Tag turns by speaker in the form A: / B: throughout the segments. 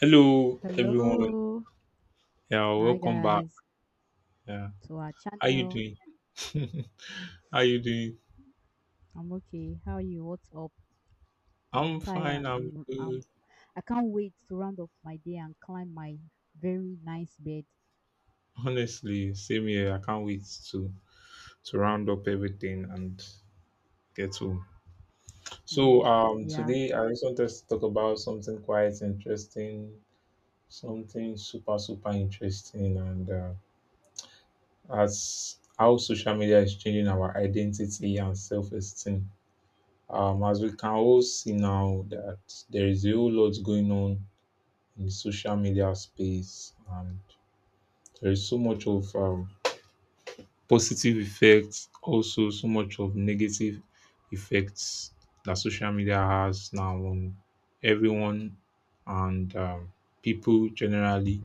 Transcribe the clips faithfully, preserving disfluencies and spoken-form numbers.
A: Hello, everyone.
B: Hello.
A: Yeah,
B: Hi
A: welcome back.
B: guys.
A: Yeah,
B: To our
A: how you
B: channel.
A: doing? How you doing?
B: I'm okay. How are you? What's up? I'm
A: I'm fine.
B: tired.
A: I'm
B: I'm um
A: good.
B: I can't wait to round up my day and climb my very nice bed.
A: Honestly, same here. I can't wait to to round up everything and get home. So,
B: Mm,
A: um,
B: yeah.
A: today I just wanted to talk about something quite interesting, something super super interesting, and uh, as how social media is changing our identity and self esteem. Um, as we can all see now that there is a whole lot going on in the social media space, and there is so much of um, positive effects, also so much of negative effects that social media has now on everyone and um, people generally.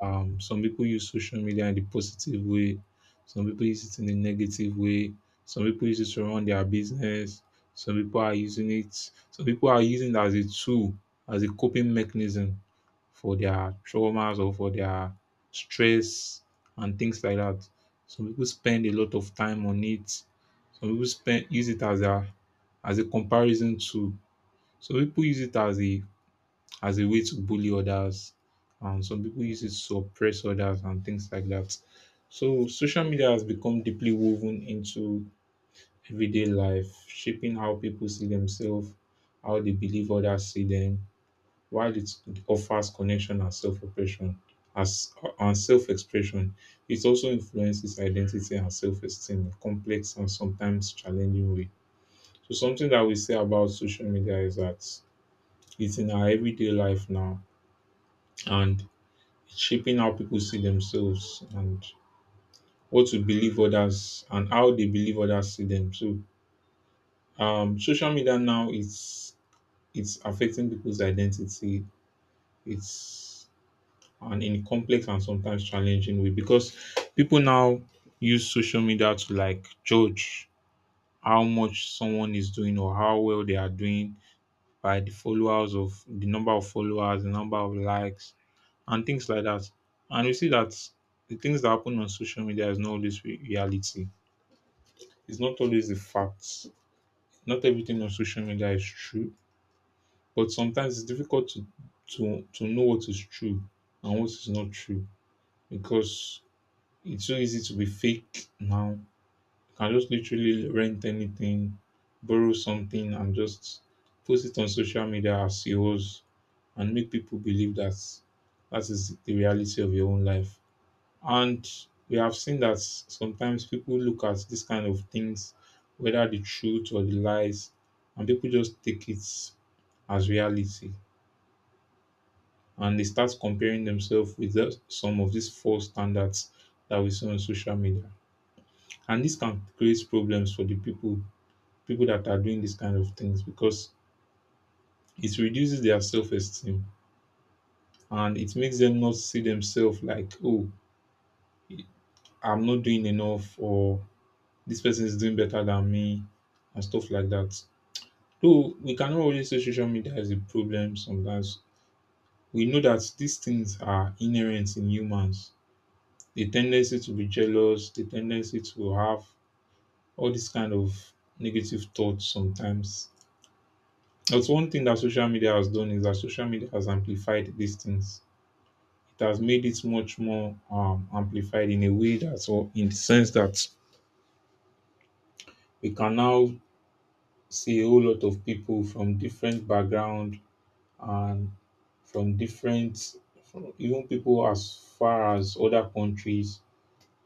A: Um, some people use social media in the positive way, some people use it in a negative way, some people use it to run their business, some people are using it, some people are using it as a tool, as a coping mechanism for their traumas or for their stress and things like that. Some people spend a lot of time on it. Some people spend use it as a as a comparison tool. Some people use it as a as a way to bully others. And some people use it to oppress others and things like that. So social media has become deeply woven into everyday life, shaping how people see themselves, how they believe others see them, while it offers connection and self-oppression as and self-expression. It also influences identity and self-esteem in complex and sometimes challenging way. So something that we say about social media is that it's in our everyday life now and shaping how people see themselves and what to believe others and how they believe others see them. So um social media now, it's it's affecting people's identity. It's and in a complex and sometimes challenging way, because people now use social media to like judge how much someone is doing or how well they are doing by the followers of the number of followers, the number of likes, and things like that. And you see that the things that happen on social media is not always re- reality. It's not always the facts. Not everything on social media is true, but sometimes it's difficult to to to know what is true and what is not true, because it's so easy to be fake now. Can just literally rent anything, borrow something, and just post it on social media as yours and make people believe that that is the reality of your own life. And we have seen that sometimes people look at this kind of things, whether the truth or the lies, and people just take it as reality. And they start comparing themselves with the, some of these false standards that we see on social media. And this can create problems for the people people that are doing these kind of things, because it reduces their self-esteem, and it makes them not see themselves like, oh, I'm not doing enough, or this person is doing better than me and stuff like that. So we cannot always say social media is a problem. Sometimes we know that these things are inherent in humans, the tendency to be jealous, the tendency to have all these kind of negative thoughts sometimes. That's one thing that social media has done, is that social media has amplified these things. It has made it much more um, amplified in a way that, or in the sense that we can now see a whole lot of people from different background, and from different, from even people as far as other countries,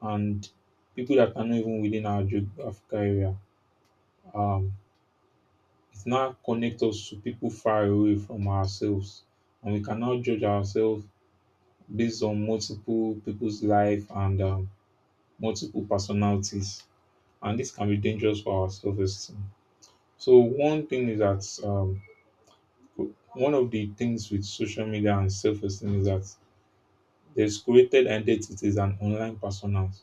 A: and people that are not even within our geographical area. Um, it now connects us to people far away from ourselves, and we can now judge ourselves based on multiple people's life and um, multiple personalities, and this can be dangerous for our self-esteem. So one thing is that, um, one of the things with social media and self-esteem is that there's created identities and online personas.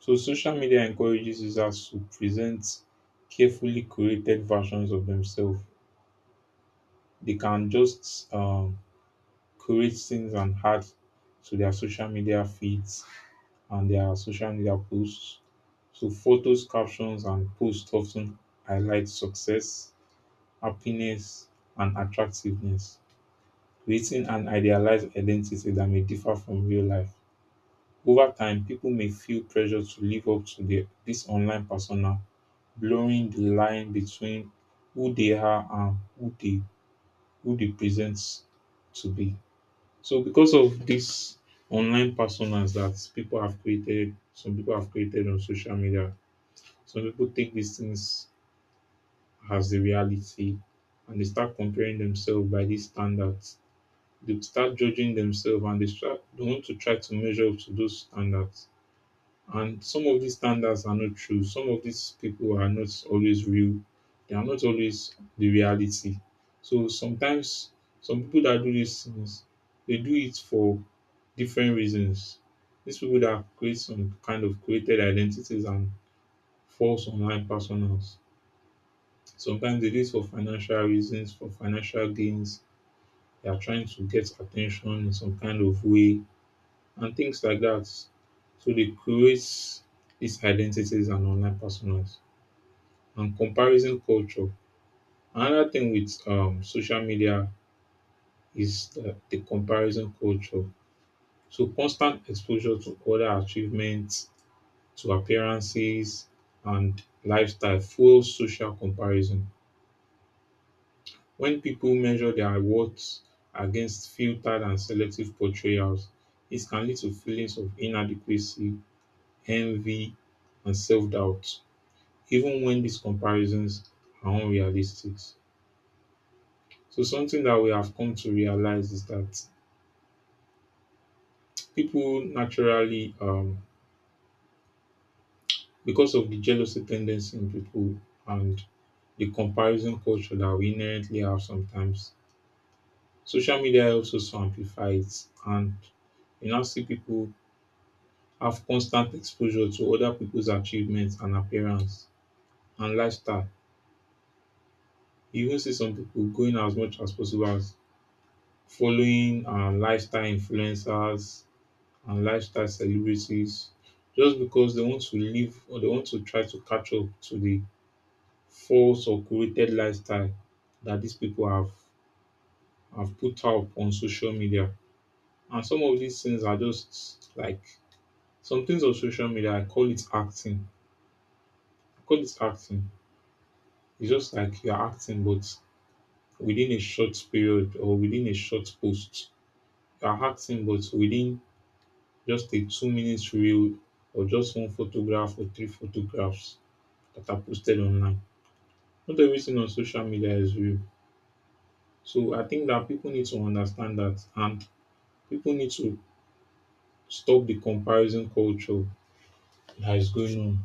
A: So social media encourages users to present carefully curated versions of themselves. They can just um, create things and add to their social media feeds and their social media posts. So photos, captions, and posts often highlight success, happiness, and attractiveness, creating an idealized identity that may differ from real life. Over time, people may feel pressure to live up to their, this online persona, blurring the line between who they are and who they who they present to be. So because of these online personas that people have created, some people have created on social media, some people take these things as the reality, and they start comparing themselves by these standards. They start judging themselves, and they, start, they want to try to measure up to those standards. And some of these standards are not true. Some of these people are not always real. They are not always the reality. So sometimes some people that do these things, they do it for different reasons. These people that create some kind of created identities and false online personas, sometimes they do it for financial reasons, for financial gains. They are trying to get attention in some kind of way and things like that. So they create these identities and online personas and comparison culture. Another thing with um, social media is the, the comparison culture. So constant exposure to other achievements, to appearances, and lifestyle fuels social comparison. When people measure their worth against filtered and selective portrayals, it can lead to feelings of inadequacy, envy, and self doubt, even when these comparisons are unrealistic. So, something that we have come to realize is that people naturally, um, because of the jealousy tendency in people and the comparison culture that we inherently have sometimes, social media helps us to amplify it. And you now see people have constant exposure to other people's achievements and appearance and lifestyle. You even see some people going as much as possible as following uh, lifestyle influencers and lifestyle celebrities, just because they want to live, or they want to try to catch up to the false or curated lifestyle that these people have have put out on social media. And some of these things are just like some things on social media. I call it acting. I call it acting. It's just like you're acting, but within a short period or within a short post. You're acting, but within just a two minutes reel or just one photograph or three photographs that are posted online. Not everything on social media is real. So I think that people need to understand that, and people need to stop the comparison culture that is going on.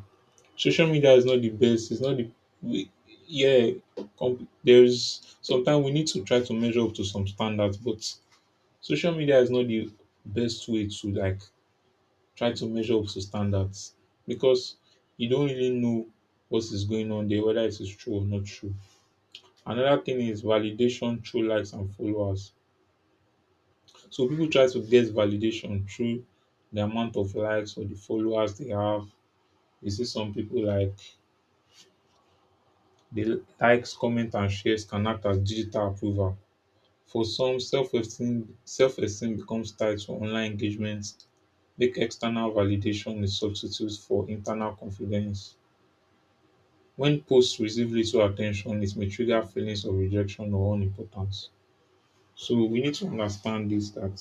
A: Social media is not the best, it's not the we, yeah, com- there's sometimes we need to try to measure up to some standards, but social media is not the best way to like try to measure up to standards, because you don't really know what is going on there, whether it is true or not true. Another thing is validation through likes and followers. So people try to get validation through the amount of likes or the followers they have. You see some people like the likes, comment and shares can act as digital approval. For some, self-esteem self-esteem becomes tied to online engagement, make external validation a substitute for internal confidence. When posts receive little attention, it may trigger feelings of rejection or unimportance. So we need to understand this, that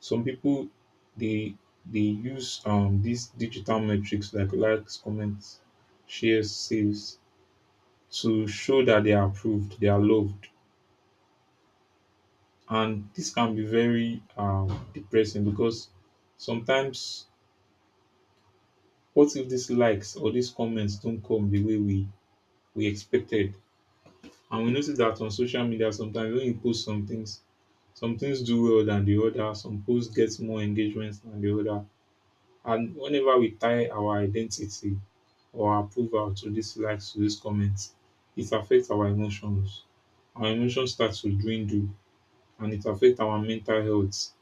A: some people, they they use um these digital metrics like likes, comments, shares, saves to show that they are approved, they are loved. And this can be very um depressing, because sometimes what if these likes or these comments don't come the way we we expected. And we notice that on social media, sometimes when you post some things, some things do well than the other, some posts get more engagements than the other. And whenever we tie our identity or our approval to these likes, to these comments, it affects our emotions. Our emotions start to dwindle, and it affects our mental health.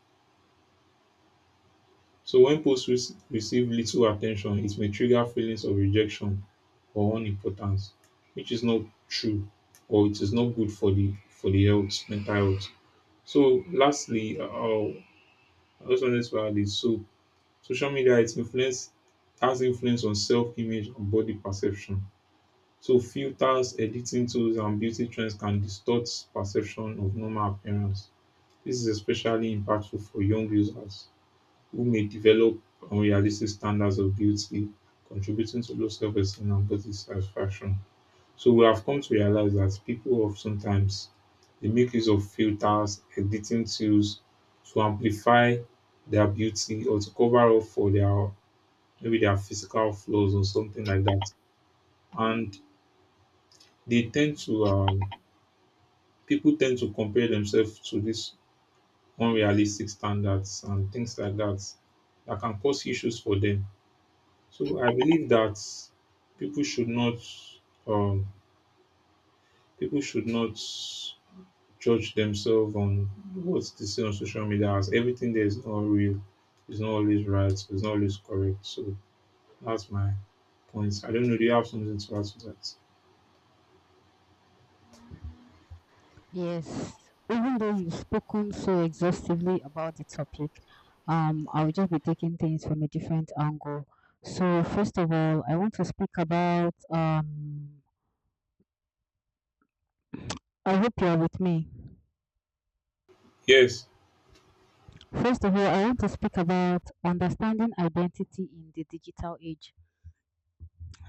A: So when posts rec- receive little attention, it may trigger feelings of rejection or unimportance, which is not true, or it is not good for the for the health, mental health. So lastly, uh, I also wanted to add is, so social media, it's influence has influence on self-image and body perception. So filters, editing tools, and beauty trends can distort perception of normal appearance. This is especially impactful for young users who may develop unrealistic standards of beauty, contributing to low self-esteem and body satisfaction. So we have come to realize that people of sometimes they make use of filters, editing tools to amplify their beauty or to cover up for their maybe their physical flaws or something like that. And they tend to um, people tend to compare themselves to these unrealistic standards and things like that, that can cause issues for them. So I believe that people should not um, people should not judge themselves on what they see on social media, as everything there is not real, it's not always right, it's not always correct. So that's my point. I don't know, do you have something to add to that?
B: Yes. Even though you've spoken so exhaustively about the topic, um I will just be taking things from a different angle. So first of all, I want to speak about um I hope you are with me.
A: Yes.
B: First of all, I want to speak about understanding identity in the digital age.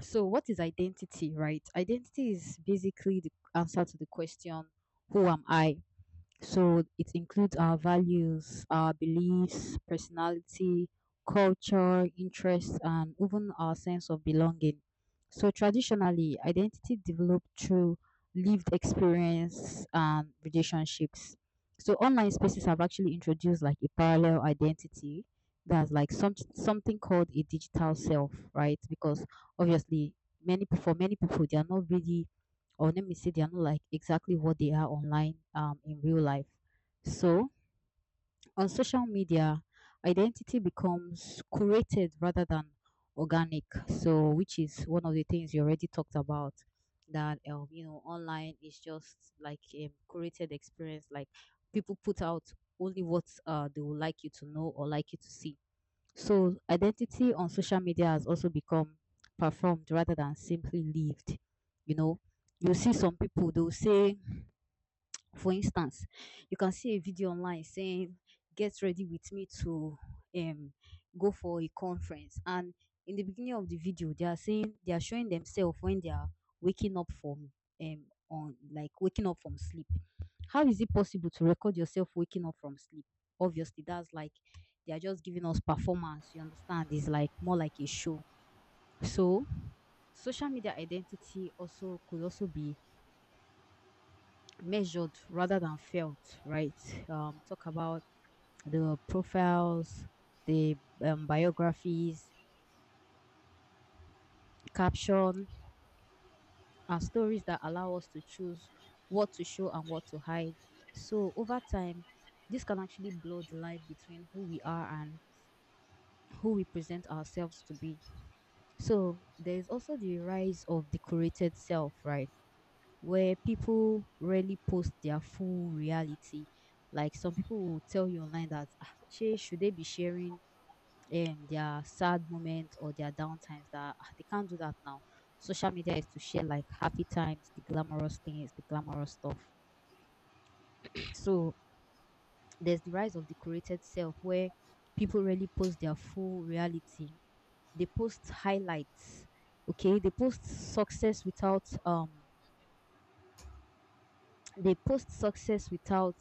B: So, what is identity, right? Identity is basically the answer to the question, who am I? So it includes our values, our beliefs, personality, culture, interests, and even our sense of belonging. So traditionally, identity developed through lived experience and relationships. So online spaces have actually introduced like a parallel identity that's like some, something called a digital self, right? Because obviously, many for many people, they are not really or let me say they are not like exactly what they are online um, in real life. So on social media, identity becomes curated rather than organic. So which is one of the things you already talked about that um, you know online is just like a curated experience. Like people put out only what uh, they would like you to know or like you to see so identity on social media has also become performed rather than simply lived. You know, you see some people they'll say for instance, you can see a video online saying, get ready with me to um, go for a conference. And in the beginning of the video, they are saying they are showing themselves when they are waking up from um on like waking up from sleep. How is it possible to record yourself waking up from sleep? Obviously, that's like they are just giving us performance, you understand? It's like more like a show. So social media identity also could also be measured rather than felt, right? Um, talk about the profiles, the um, biographies, caption, and stories that allow us to choose what to show and what to hide. So over time, this can actually blur the line between who we are and who we present ourselves to be. So there is also the rise of the curated self, right? Where people rarely post their full reality. Like some people will tell you online that ah, she should they be sharing um their sad moments or their downtimes that ah, they can't do that now. Social media is to share like happy times, the glamorous things, the glamorous stuff. So there's the rise of the curated self where people really post their full reality. They post highlights. Okay, they post success without um they post success without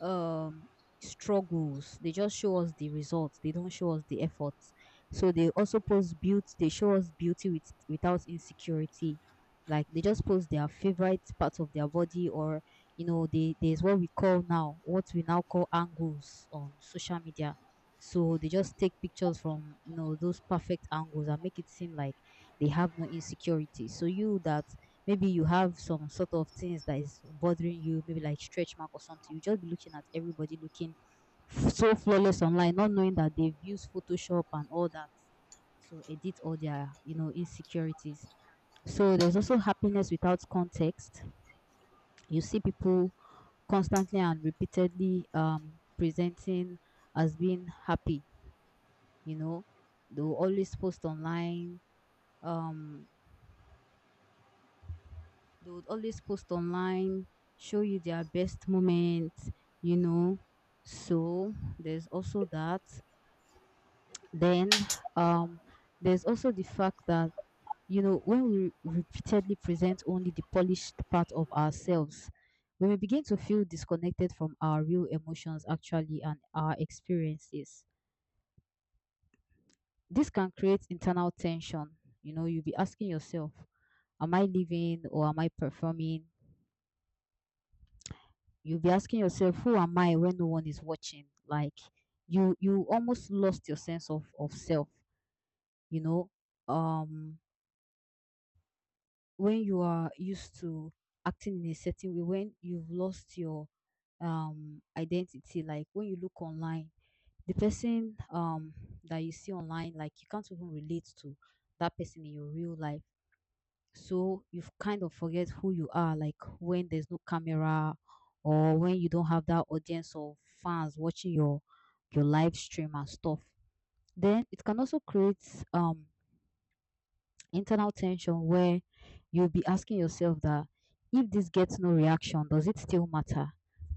B: um struggles. They just show us the results, they don't show us the efforts. So they also post beauty, they show us beauty with, without insecurity. Like they just post their favorite parts of their body or you know they there's what we call now what we now call angles on social media, so they just take pictures from you know those perfect angles and make it seem like they have no insecurity. So you that maybe you have some sort of things that is bothering you, maybe like stretch mark or something. You just be looking at everybody looking f- so flawless online, not knowing that they've used Photoshop and all that to edit all their, you know, insecurities. So there's also happiness without context. You see people constantly and repeatedly um, presenting as being happy, you know. They'll always post online, um They would always post online, show you their best moments, you know. So there's also that. Then um there's also the fact that you know when we repeatedly present only the polished part of ourselves, when we begin to feel disconnected from our real emotions actually and our experiences. This can create internal tension. You know, you'll be asking yourself, am I living or am I performing? You'll be asking yourself, who am I when no one is watching? Like you you almost lost your sense of, of self, you know. Um when you are used to acting in a certain way, when you've lost your um identity, like when you look online, the person um that you see online, like you can't even relate to that person in your real life. So you kind of forget who you are, like when there's no camera or when you don't have that audience of fans watching your your live stream and stuff. Then it can also create um internal tension where you'll be asking yourself that if this gets no reaction, does it still matter?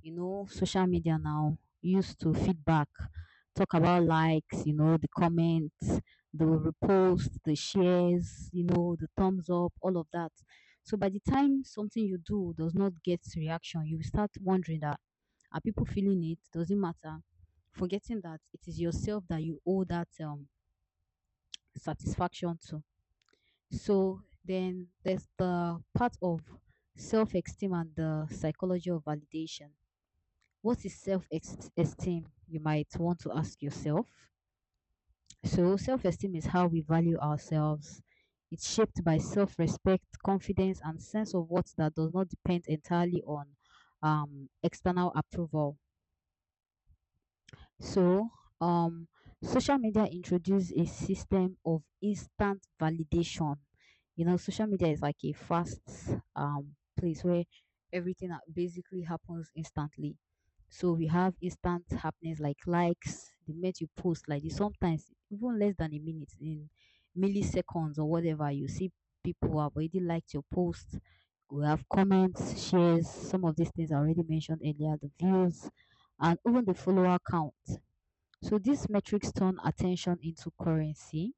B: You know, social media now used to feedback, talk about likes, you know, the comments, the repost, the shares, you know, the thumbs up, all of that. So by the time something you do does not get reaction, you will start wondering that are people feeling it? Does it matter? Forgetting that it is yourself that you owe that um, satisfaction to. So then there's the part of self esteem and the psychology of validation. What is self esteem? You might want to ask yourself. So, self esteem is how we value ourselves. It's shaped by self respect, confidence, and sense of worth that does not depend entirely on um, external approval. So, um, social media introduced a system of instant validation. You know, social media is like a fast um, place where everything ha- basically happens instantly. So we have instant happenings like likes, the minute you post like this, sometimes even less than a minute in milliseconds or whatever, you see people who have already liked your post. We have comments, shares, some of these things I already mentioned earlier, the views, and even the follower count. So these metrics turn attention into currency.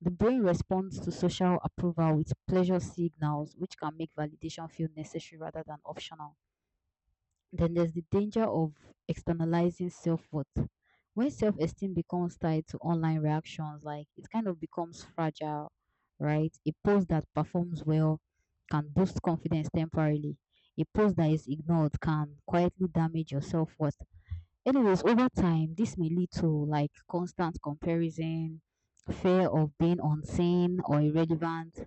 B: The brain responds to social approval with pleasure signals, which can make validation feel necessary rather than optional. Then there's the danger of externalizing self worth. When self esteem becomes tied to online reactions, like it kind of becomes fragile, right? A post that performs well can boost confidence temporarily. A post that is ignored can quietly damage your self worth. Anyways, over time, this may lead to like constant comparison, fear of being unseen or irrelevant,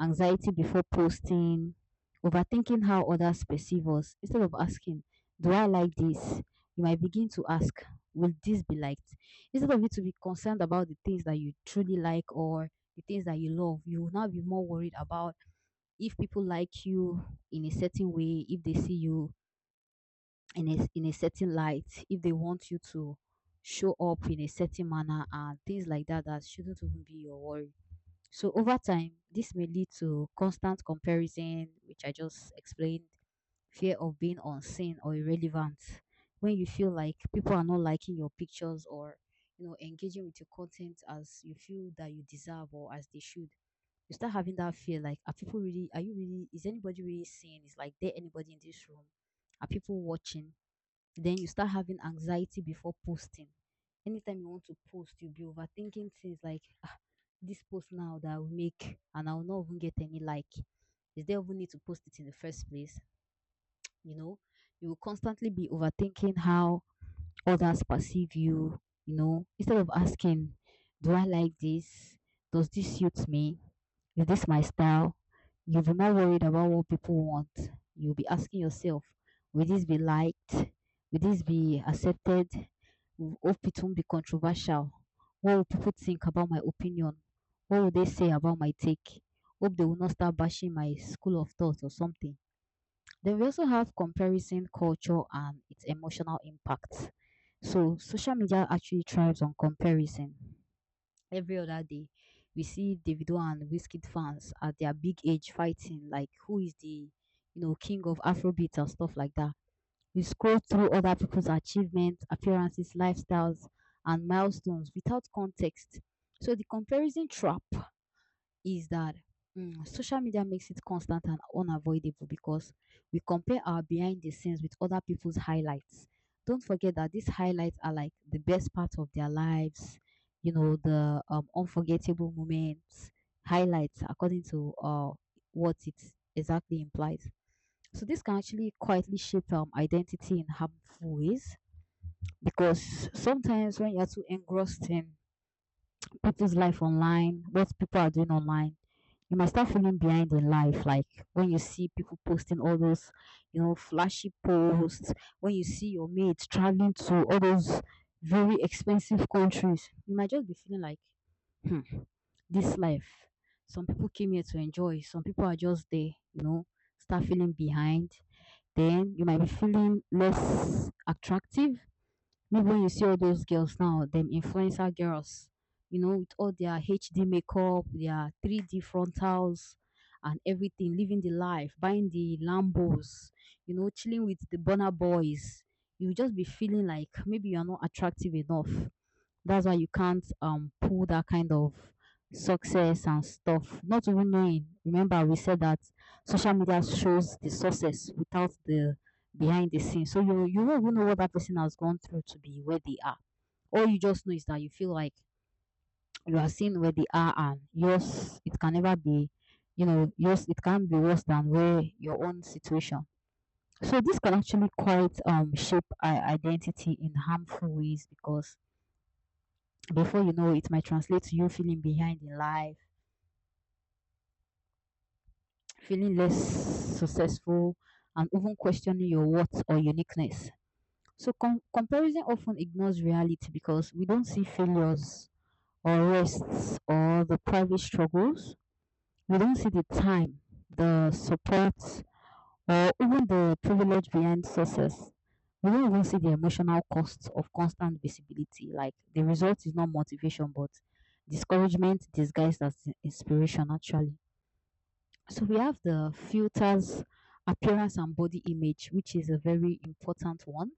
B: anxiety before posting, overthinking how others perceive us. Instead of asking, do I like this? You might begin to ask, will this be liked? Instead of you to be concerned about the things that you truly like or the things that you love, you will now be more worried about if people like you in a certain way, if they see you in a in a certain light, if they want you to show up in a certain manner and things like that that shouldn't even be your worry. So over time, this may lead to constant comparison, which I just explained, fear of being unseen or irrelevant. When you feel like people are not liking your pictures or you know engaging with your content as you feel that you deserve or as they should, you start having that fear like are people really are you really is anybody really seeing? Is like there anybody in this room? Are people watching? Then you start having anxiety before posting. Anytime you want to post, you'll be overthinking things like, "Ah, this post now that I will make and I will not even get any like. Is there even need to post it in the first place?" You know, you will constantly be overthinking how others perceive you, you know, instead of asking, do I like this? Does this suit me? Is this my style? You'll be more worried about what people want. You'll be asking yourself, will this be liked? Will this be accepted? Will- Hope it won't be controversial. What will people think about my opinion? What will they say about my take? Hope they will not start bashing my school of thought or something. Then we also have comparison culture and its emotional impact. So social media actually thrives on comparison. Every other day, we see Davido and Wizkid fans at their big age fighting, like who is the you know king of Afrobeat and stuff like that. We scroll through other people's achievements, appearances, lifestyles, and milestones without context. So the comparison trap is that mm, social media makes it constant and unavoidable because we compare our behind the scenes with other people's highlights. Don't forget that these highlights are like the best part of their lives, you know, the um, unforgettable moments, highlights, according to uh, what it exactly implies. So, this can actually quietly shape um, identity in harmful ways, because sometimes when you're too engrossed in with life online, what people are doing online, you might start feeling behind in life. Like when you see people posting all those, you know, flashy posts, when you see your mates traveling to all those very expensive countries, you might just be feeling like, hmm, this life. Some people came here to enjoy, some people are just there, you know, start feeling behind. Then you might be feeling less attractive. Maybe when you see all those girls now, them influencer girls, you know, with all their H D makeup, their three D frontals, and everything, living the life, buying the Lambos, you know, chilling with the Bonner Boys, you will just be feeling like maybe you are not attractive enough. That's why you can't um pull that kind of success and stuff, not even knowing. Remember, we said that social media shows the success without the behind the scenes. So you you won't even know what that person has gone through to be where they are. All you just know is that you feel like you are seeing where they are and yours it can never be, you know, yours it can be worse than where your own situation. So this can actually quite um shape our identity in harmful ways because before you know it might translate to you feeling behind in life, feeling less successful, and even questioning your worth or uniqueness. So com- comparison often ignores reality because we don't see failures or rests or the private struggles. We don't see the time, the support, or even the privilege behind success. We don't even see the emotional costs of constant visibility. Like the result is not motivation, but discouragement disguised as in- inspiration, actually. So we have the filters, appearance, and body image, which is a very important one.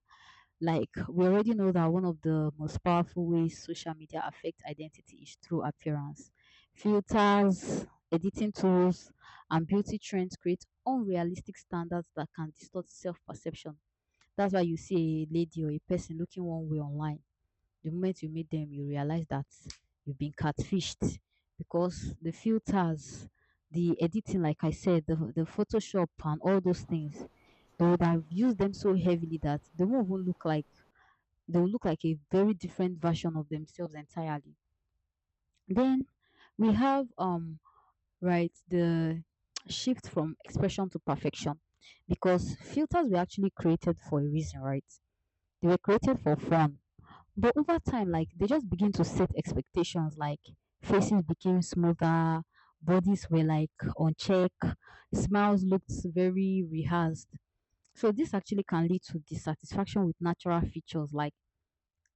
B: Like we already know that one of the most powerful ways social media affects identity is through appearance. Filters, editing tools, and beauty trends create unrealistic standards that can distort self-perception. That's why you see a lady or a person looking one way online. The moment you meet them, you realize that you've been catfished because the filters, the editing, like I said, the, the Photoshop and all those things, they would have used them so heavily that they won't even look like they will look like a very different version of themselves entirely. Then we have um right the shift from expression to perfection because filters were actually created for a reason, right? They were created for fun. But over time, like they just begin to set expectations like faces became smoother, bodies were like on check, smiles looked very rehearsed. So this actually can lead to dissatisfaction with natural features. Like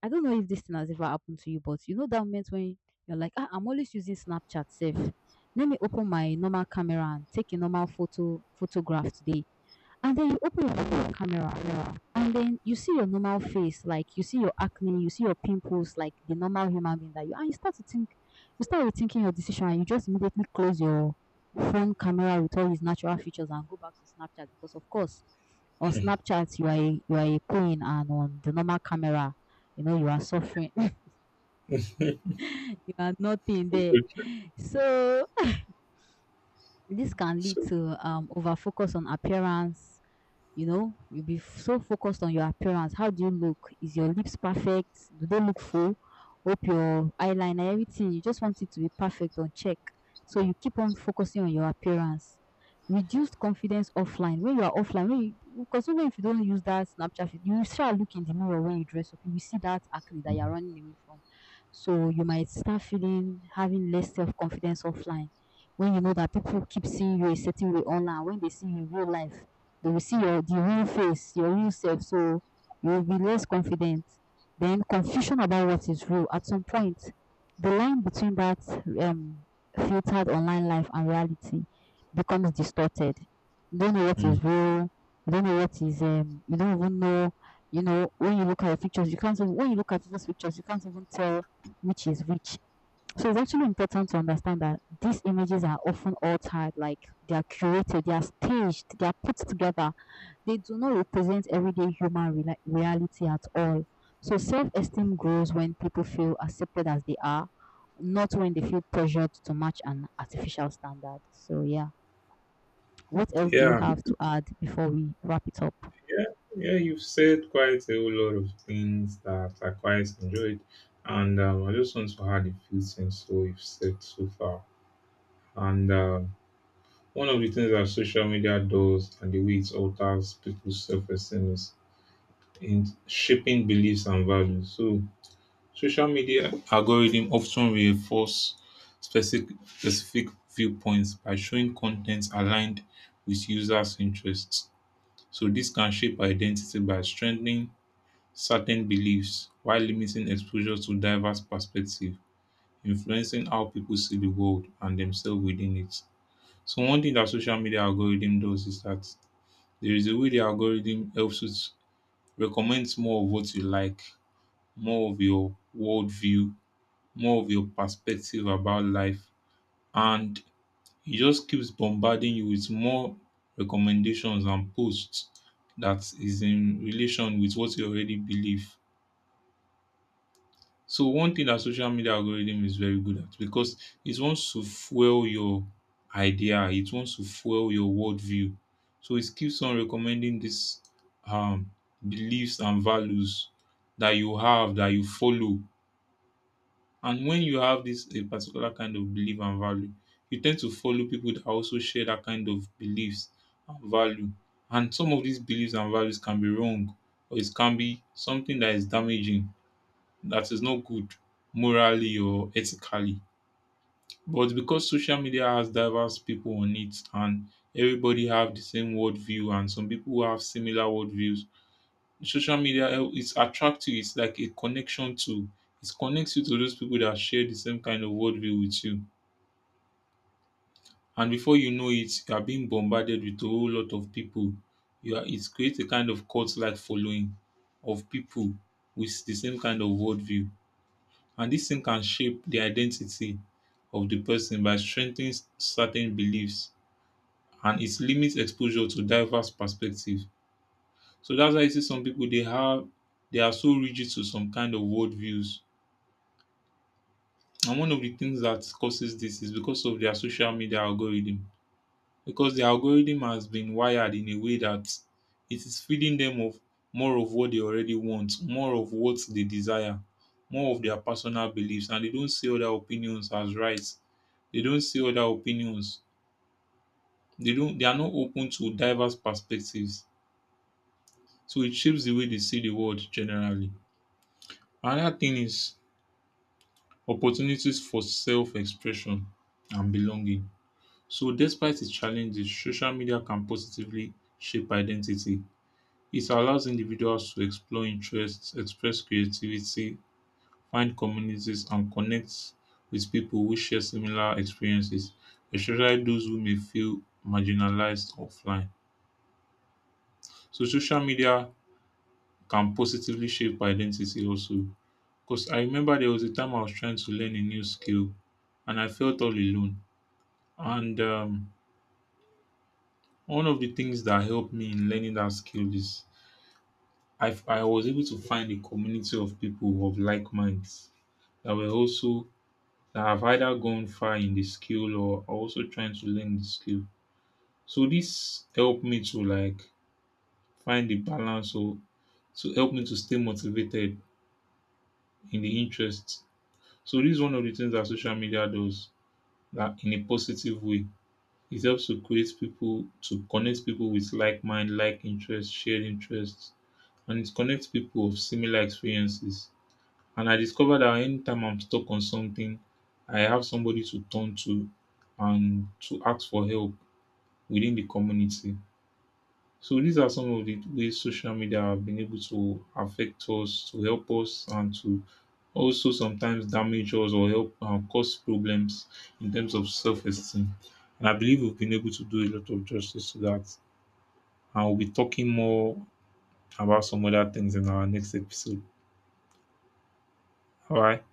B: I don't know if this thing has ever happened to you, but you know that moment when you're like, ah, I'm always using Snapchat safe. Let me open my normal camera and take a normal photo photograph today, and then you open your phone camera and then you see your normal face, like you see your acne, you see your pimples, like the normal human being that you are. You start to think, you start rethinking your decision, and you just immediately close your phone camera with all its natural features and go back to Snapchat because, of course, on Snapchat you are a, you are a queen, and on the normal camera, you know you are suffering, you are nothing
A: It's
B: there.
A: good.
B: So this can lead
A: So,
B: to um over focus on appearance. You know, you'll be f- so focused on your appearance. How do you look? Is your lips perfect? Do they look full? Hope your eyeliner, everything. You just want it to be perfect on check. So you keep on focusing on your appearance. Reduced confidence offline. When you are offline, when you, because even if you don't use that Snapchat, feed, you shall look in the mirror when you dress up. You will see that acne that you're running away from. So you might start feeling having less self confidence offline when you know that people keep seeing you a certain way online, when they see you in real life, they will see your the real face, your real self, so you will be less confident. Then confusion about what is real. At some point, the line between that um filtered online life and reality becomes distorted. You don't know what
A: mm,
B: is real. You don't know what is um. You don't even know. You know when you look at your pictures, you can't. Even- when you look at those pictures, you can't even tell which is which. So it's actually important to understand that these images are often altered, like they are curated, they are staged, they are put together. They do not represent everyday human rela- reality at all. So self esteem grows when people feel accepted as they are, not when they feel pressured to match an artificial standard. So, yeah, what else do you
A: yeah,
B: have to add before we wrap it up?
A: yeah, yeah, you've said quite a whole lot of things that I quite enjoyed. And um, I just want to add a few things to what you've said so far. And um, one of the things that social media does, and the way it alters people's self esteem, is in shaping beliefs and values. So, social media algorithm often reinforce specific specific viewpoints by showing content aligned with users' interests. So, this can shape identity by strengthening certain beliefs while limiting exposure to diverse perspectives, influencing how people see the world and themselves within it. So, one thing that social media algorithm does is that there is a way the algorithm helps you to recommend more of what you like, more of your worldview, more of your perspective about life, and it just keeps bombarding you with more recommendations and posts that is in relation with what you already believe. So one thing that social media algorithm is very good at, because it wants to fuel your idea, it wants to fuel your worldview. So it keeps on recommending these um beliefs and values that you have, that you follow. And when you have this a particular kind of belief and value, you tend to follow people that also share that kind of beliefs and value. And some of these beliefs and values can be wrong, or it can be something that is damaging, that is not good morally or ethically. But because social media has diverse people on it, and everybody have the same worldview and some people who have similar worldviews, social media el is attractive, it's like a connection tool. It connects you to those people that share the same kind of worldview with you. And before you know it, you are being bombarded with a whole lot of people. You are It creates a kind of cult like following of people with the same kind of worldview. And this thing can shape the identity of the person by strengthening s- certain beliefs, and it limits exposure to diverse perspectives. So that's why you see some people, they have they are so rigid to some kind of worldviews. And one of the things that causes this is because of their social media algorithm. Because the algorithm has been wired in a way that it is feeding them of more of what they already want, more of what they desire, more of their personal beliefs, and they don't see other opinions as right. They don't see other opinions. They don't they are not open to diverse perspectives. So it shapes the way they see the world generally. Another thing is opportunities for self-expression and belonging. So despite its challenges, social media can positively shape identity. It allows individuals to explore interests, express creativity, find communities, and connect with people who share similar experiences, especially those who may feel marginalized offline. So social media can positively shape identity also. Because I remember there was a time I was trying to learn a new skill and I felt all alone. And um, one of the things that helped me in learning that skill is I I was able to find a community of people of like minds that were also that have either gone far in the skill or are also trying to learn the skill. So this helped me to like find the balance, or to help me to stay motivated in the interest. So this is one of the things that social media does, that in a positive way. It helps to create people to connect people with like mind, like interest, shared interests, and it connects people of similar experiences. And I discovered that anytime I'm stuck on something, I have somebody to turn to and to ask for help within the community. So these are some of the ways social media have been able to affect us, to help us, and to also sometimes damage us or help uh, cause problems in terms of self-esteem. And I believe we've been able to do a lot of justice to that. And we'll be talking more about some other things in our next episode. All right.